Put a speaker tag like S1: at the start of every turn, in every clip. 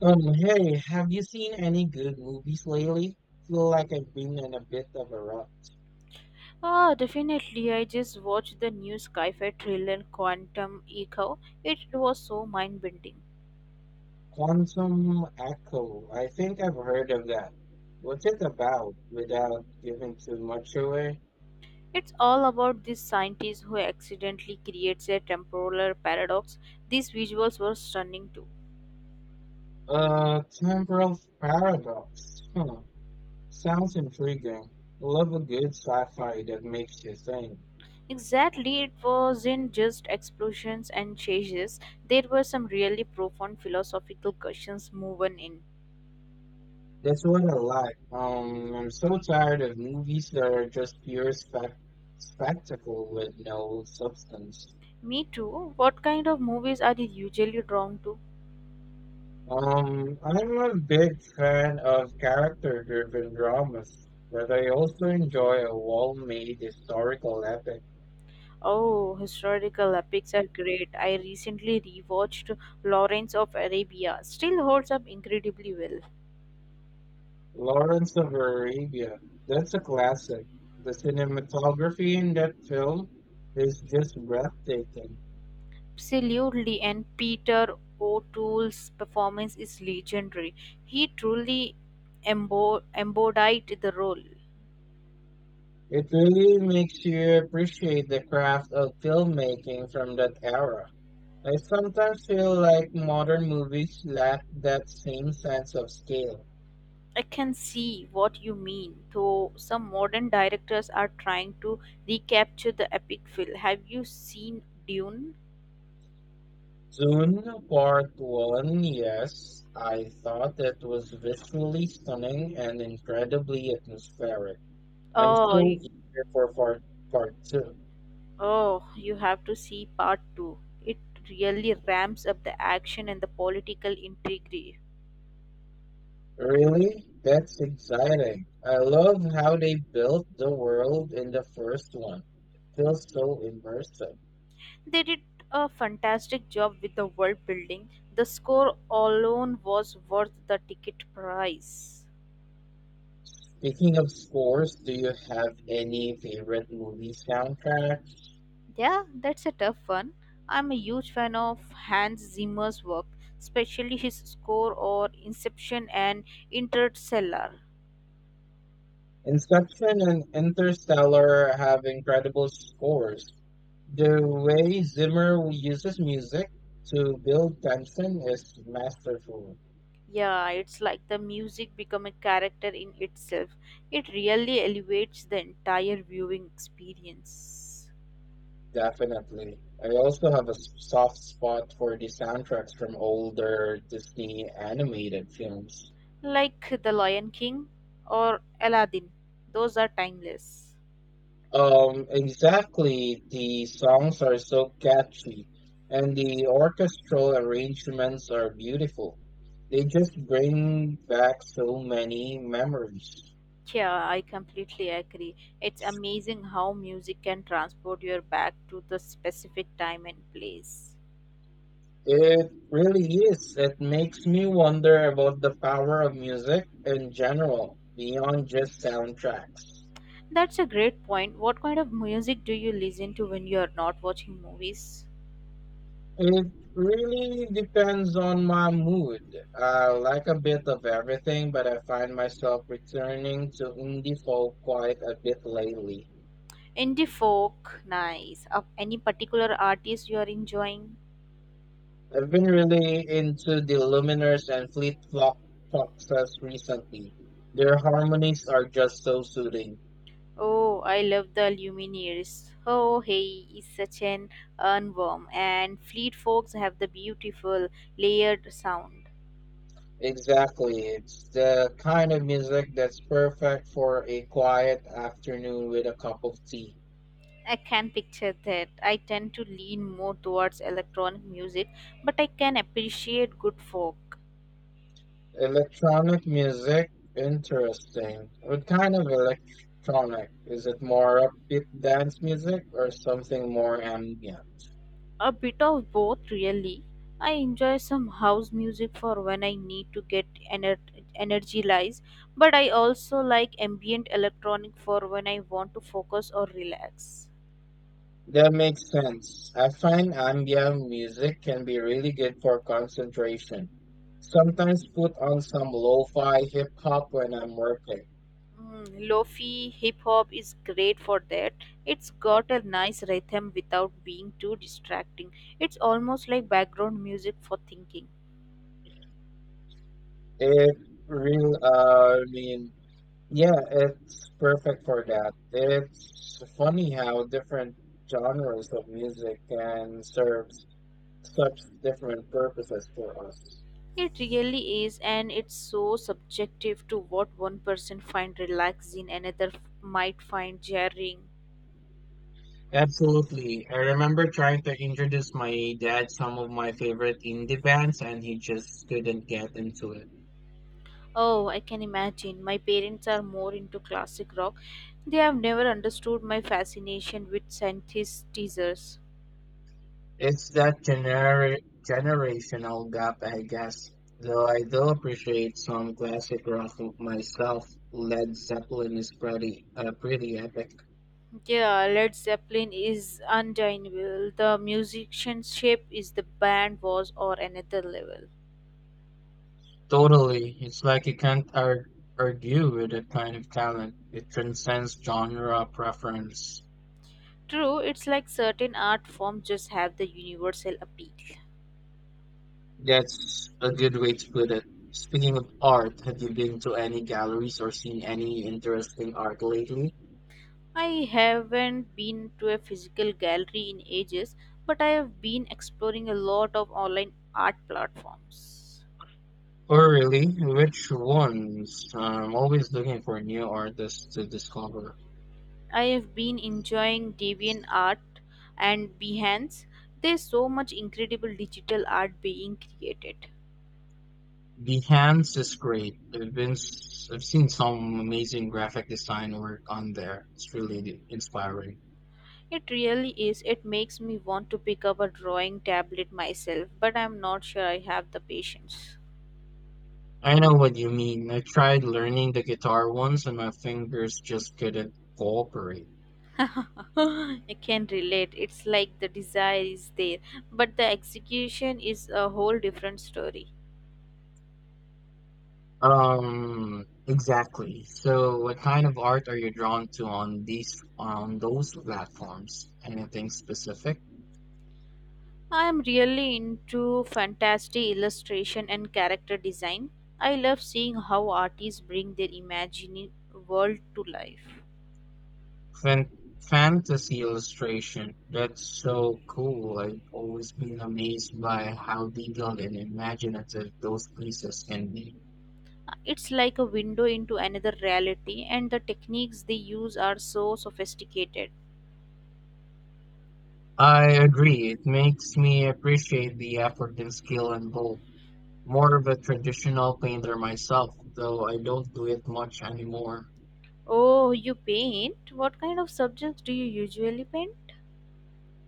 S1: Hey, have you seen any good movies lately? Feel like I've been in a bit of a rut.
S2: Ah, definitely. I just watched the new sci-fi thriller Quantum Echo. It was so mind-bending.
S1: Quantum Echo. I think I've heard of that. What's it about without giving too much away?
S2: It's all about this scientist who accidentally creates a temporal paradox. These visuals were stunning too.
S1: Temporal paradox. Huh. Sounds intriguing. Love a good sci-fi that makes you think.
S2: Exactly, it wasn't just explosions and chases. There were some really profound philosophical questions woven in.
S1: That's what I like. I'm so tired of movies that are just pure spec spectacle with no substance.
S2: Me too. What kind of movies are you usually drawn to?
S1: I'm a big fan of character-driven dramas, but I also enjoy a well-made historical epic.
S2: Oh, historical epics are great. I recently rewatched Lawrence of Arabia. Still holds up incredibly well.
S1: Lawrence of Arabia, that's a classic. The cinematography in that film is just breathtaking.
S2: Absolutely, and Peter O'Toole's performance is legendary. He truly embodied the role.
S1: It really makes you appreciate the craft of filmmaking from that era. I sometimes feel like modern movies lack that same sense of scale.
S2: I can see what you mean, though some modern directors are trying to recapture the epic feel. Have you seen Dune?
S1: Dune Part 1, yes, I thought it was visually stunning and incredibly atmospheric. I'm
S2: Oh,
S1: so eager for part 2.
S2: Oh, you have to see part two. It really ramps up the action and the political intrigue.
S1: Really? That's exciting. I love how they built the world in the first one. Feels so immersive.
S2: They did a fantastic job with the world building. The score alone was worth the ticket price.
S1: Speaking of scores, do you have any favorite movie soundtracks?
S2: Yeah, that's a tough one. I'm a huge fan of Hans Zimmer's work, especially his score or Inception and Interstellar.
S1: Inception and Interstellar have incredible scores. The way Zimmer uses music to build tension is masterful,
S2: Yeah, it's like the music become a character in itself. It really elevates the entire viewing experience.
S1: definitely. I also have a soft spot for the soundtracks from older Disney animated films.
S2: Like The Lion King or Aladdin. Those are timeless.
S1: Exactly, the songs are so catchy, and the orchestral arrangements are beautiful. They just bring back so many memories.
S2: Yeah, I completely agree. It's amazing how music can transport you back to the specific time and place.
S1: It really is. It makes me wonder about the power of music in general, beyond just soundtracks.
S2: That's a great point. What kind of music do you listen to when you are not watching movies?
S1: It really depends on my mood. I like a bit of everything, but I find myself returning to indie folk quite a bit lately.
S2: Indie folk, nice. Of any particular artist you are enjoying?
S1: I've been really into the Luminers and Foxes recently. Their harmonies are just so soothing.
S2: Oh, I love the Lumineers. Oh, hey, is such an earworm, and Fleet Foxes have the beautiful layered sound.
S1: Exactly. It's the kind of music that's perfect for a quiet afternoon with a cup of tea.
S2: I can picture that. I tend to lean more towards electronic music, but I can appreciate good folk.
S1: Electronic music, interesting. What kind of electronic? Is it more upbeat dance music or something more ambient?
S2: A bit of both, really. I enjoy some house music for when I need to get ener- energized, but I also like ambient electronic for when I want to focus or relax.
S1: That makes sense. I find ambient music can be really good for concentration. Sometimes put on some lo-fi hip hop when I'm working.
S2: Mm, Lofi hip hop is great for that. It's got a nice rhythm without being too distracting. It's almost like background music for thinking.
S1: It real, I mean, Yeah, it's perfect for that. It's funny how different genres of music can serve such different purposes for us.
S2: It really is, and it's so subjective to what one person finds relaxing, another might find jarring.
S1: Absolutely. I remember trying to introduce my dad some of my favorite indie bands, and he just couldn't get into it.
S2: Oh, I can imagine. My parents are more into classic rock. They have never understood my fascination with synthesizers.
S1: It's that generational gap, I guess. Though I do appreciate some classic rock myself, Led Zeppelin is pretty epic.
S2: Yeah, Led Zeppelin is undeniable. The musicianship is the band was or another level.
S1: Totally. It's like you can't ar- argue with that kind of talent. It transcends genre preference.
S2: True, it's like certain art forms just have the universal appeal.
S1: That's a good way to put it. Speaking of art, have you been to any galleries or seen any interesting art lately?
S2: I haven't been to a physical gallery in ages, but I have been exploring a lot of online art platforms.
S1: Oh, really, which ones? I'm always looking for new artists to discover.
S2: I have been enjoying DeviantArt and Behance. There's so much incredible digital art being created.
S1: Behance is great. I've seen some amazing graphic design work on there. It's really inspiring.
S2: It really is. It makes me want to pick up a drawing tablet myself, but I'm not sure I have the patience.
S1: I know what you mean. I tried learning the guitar once and my fingers just couldn't cooperate.
S2: I can relate. It's like the desire is there, but the execution is a whole different story.
S1: Exactly. So what kind of art are you drawn to on those platforms? Anything specific?
S2: I am really into fantasy illustration and character design. I love seeing how artists bring their imagined world to life.
S1: Fan Fantasy illustration. That's so cool. I've always been amazed by how detailed and imaginative those pieces can be.
S2: It's like a window into another reality, and the techniques they use are so sophisticated.
S1: I agree. It makes me appreciate the effort and skill involved. More of a traditional painter myself, though I don't do it much anymore.
S2: Oh, you paint? What kind of subjects do you usually paint?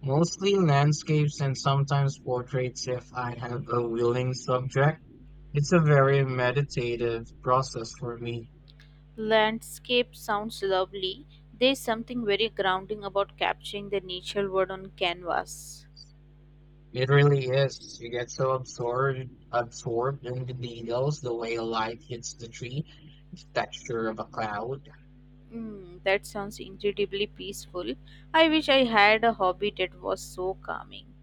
S1: Mostly landscapes and sometimes portraits if I have a willing subject. It's a very meditative process for me.
S2: Landscape sounds lovely. There's something very grounding about capturing the natural world on canvas.
S1: It really is. You get so absorbed in the details, the way a light hits the tree, the texture of a cloud.
S2: Mm, that sounds incredibly peaceful. I wish I had a hobby that was so calming.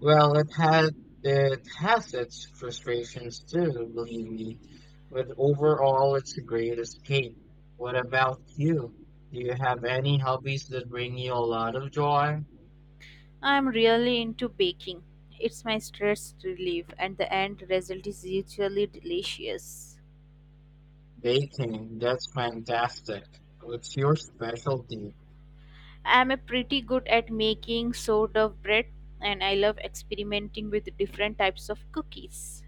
S1: Well, it has its frustrations too, believe me, but overall it's a great escape. What about you? Do you have any hobbies that bring you a lot of joy?
S2: I'm really into baking. It's my stress relief, and the end result is usually delicious.
S1: Baking, that's fantastic. What's your specialty?
S2: I'm a pretty good at making sourdough bread and I love experimenting with different types of cookies.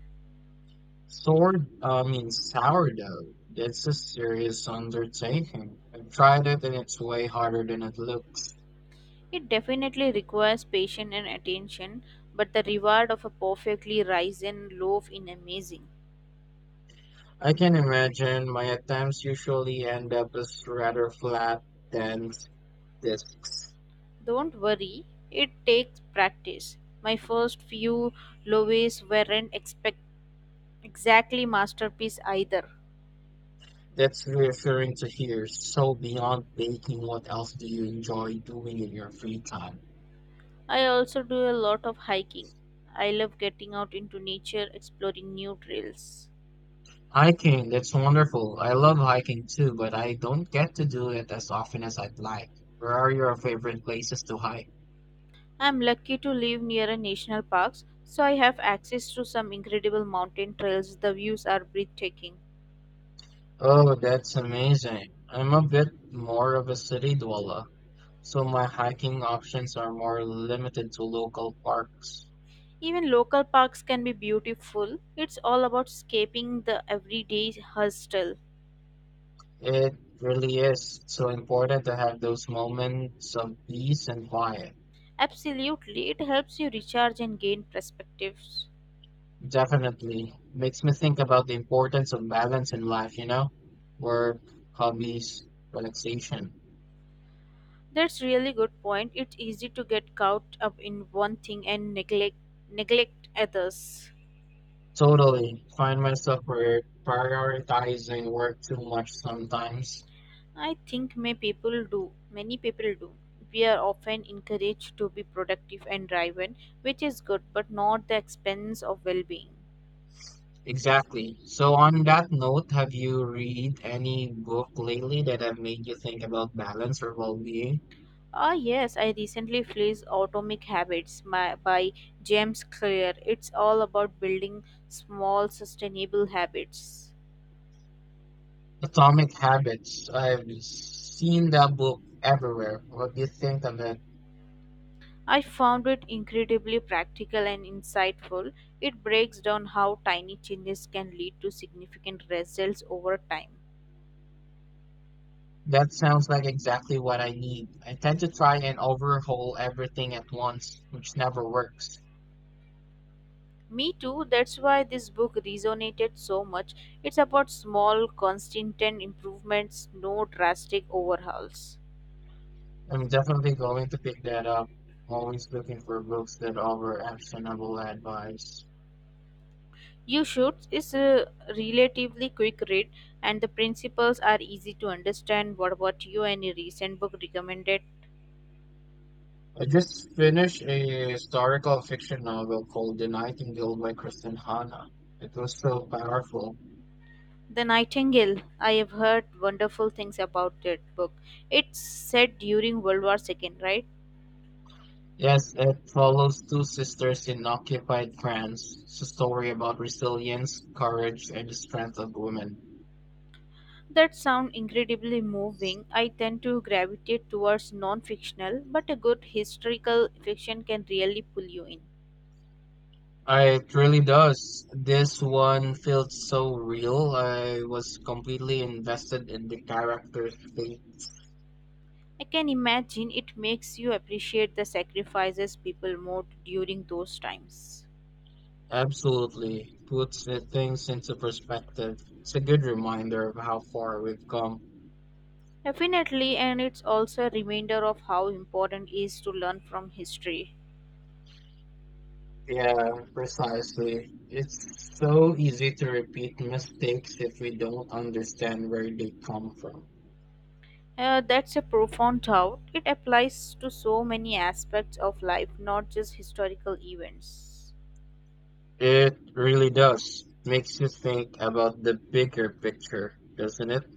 S1: Sword, I mean Sourdough. That's a serious undertaking. I've tried it and it's way harder than it looks.
S2: It definitely requires patience and attention, but the reward of a perfectly risen loaf is amazing.
S1: I can imagine my attempts usually end up as rather flat than That's
S2: Don't worry, it takes practice. My first few loaves weren't expect exactly masterpiece either.
S1: that's reassuring to hear. So beyond baking, what else do you enjoy doing in your free time?
S2: I also do a lot of hiking. I love getting out into nature, exploring new trails.
S1: Hiking, that's wonderful. I love hiking too, but I don't get to do it as often as I'd like. Where are your favorite places to hike?
S2: I'm lucky to live near a national park, so I have access to some incredible mountain trails. The views are breathtaking.
S1: Oh, that's amazing. I'm a bit more of a city dweller, so my hiking options are more limited to local parks.
S2: Even local parks can be beautiful. It's all about escaping the everyday hustle.
S1: It really is so important to have those moments of peace and quiet.
S2: Absolutely, it helps you recharge and gain perspectives.
S1: Definitely makes me think about the importance of balance in life, you know? Work, hobbies, relaxation.
S2: That's really good point. It's easy to get caught up in one thing and neglect others.
S1: Totally. Find myself prioritizing work too much sometimes.
S2: I think may people do. Many people do. We are often encouraged to be productive and driven, which is good, but not the expense of well-being.
S1: Exactly. So on that note, have you read any book lately that have made you think about balance or well-being?
S2: Ah, yes, I recently fleeced Atomic Habits by James Clear. It's all about building small, sustainable habits.
S1: Atomic Habits. I've seen that book everywhere. What do you think of it?
S2: I found it incredibly practical and insightful. It breaks down how tiny changes can lead to significant results over time.
S1: That sounds like exactly what I need. I tend to try and overhaul everything at once, which never works.
S2: Me too. That's why this book resonated so much. It's about small, constant improvements, no drastic overhauls.
S1: I'm definitely going to pick that up. I'm always looking for books that offer actionable advice.
S2: You should. It's a relatively quick read, and the principles are easy to understand. What about you? Any recent book recommended?
S1: I just finished a historical fiction novel called The Nightingale by Kristen Hanna. It was so powerful.
S2: The Nightingale. I have heard wonderful things about that book. It's set during World War II, right?
S1: Yes, it follows two sisters in occupied France. It's a story about resilience, courage, and the strength of women.
S2: That sound incredibly moving. I tend to gravitate towards non fictional, but a good historical fiction can really pull you in.
S1: It really does. This one felt so real. I was completely invested in the character's fate.
S2: I can imagine it makes you appreciate the sacrifices people made during those times.
S1: Absolutely puts the things into perspective. It's a good reminder of how far we've come.
S2: Definitely, and it's also a reminder of how important it is to learn from history.
S1: Yeah, precisely. It's so easy to repeat mistakes if we don't understand where they come from.
S2: That's a profound thought. It applies to so many aspects of life, not just historical events.
S1: It really does. Makes you think about the bigger picture, doesn't it?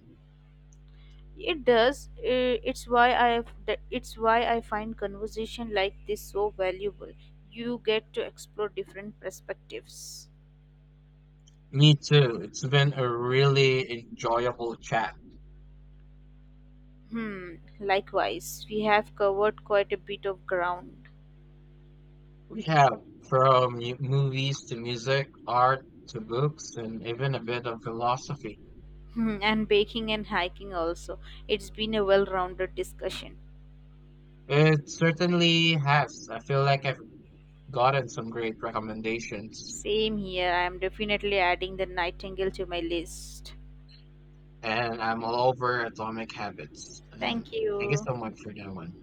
S2: It does. It's why I find conversation like this so valuable. You get to explore different perspectives.
S1: Me too. It's been a really enjoyable chat.
S2: Hmm. Likewise, we have covered quite a bit of ground.
S1: We have from movies to music, art to books, and even a bit of philosophy.
S2: Hmm, and baking and hiking also. It's been a well-rounded discussion.
S1: It certainly has. I feel like I've gotten some great recommendations,
S2: Same here. I am definitely adding the nightingale to my list.
S1: and I'm all over Atomic Habits. And
S2: Thank
S1: thank you
S2: you.
S1: so much for that one.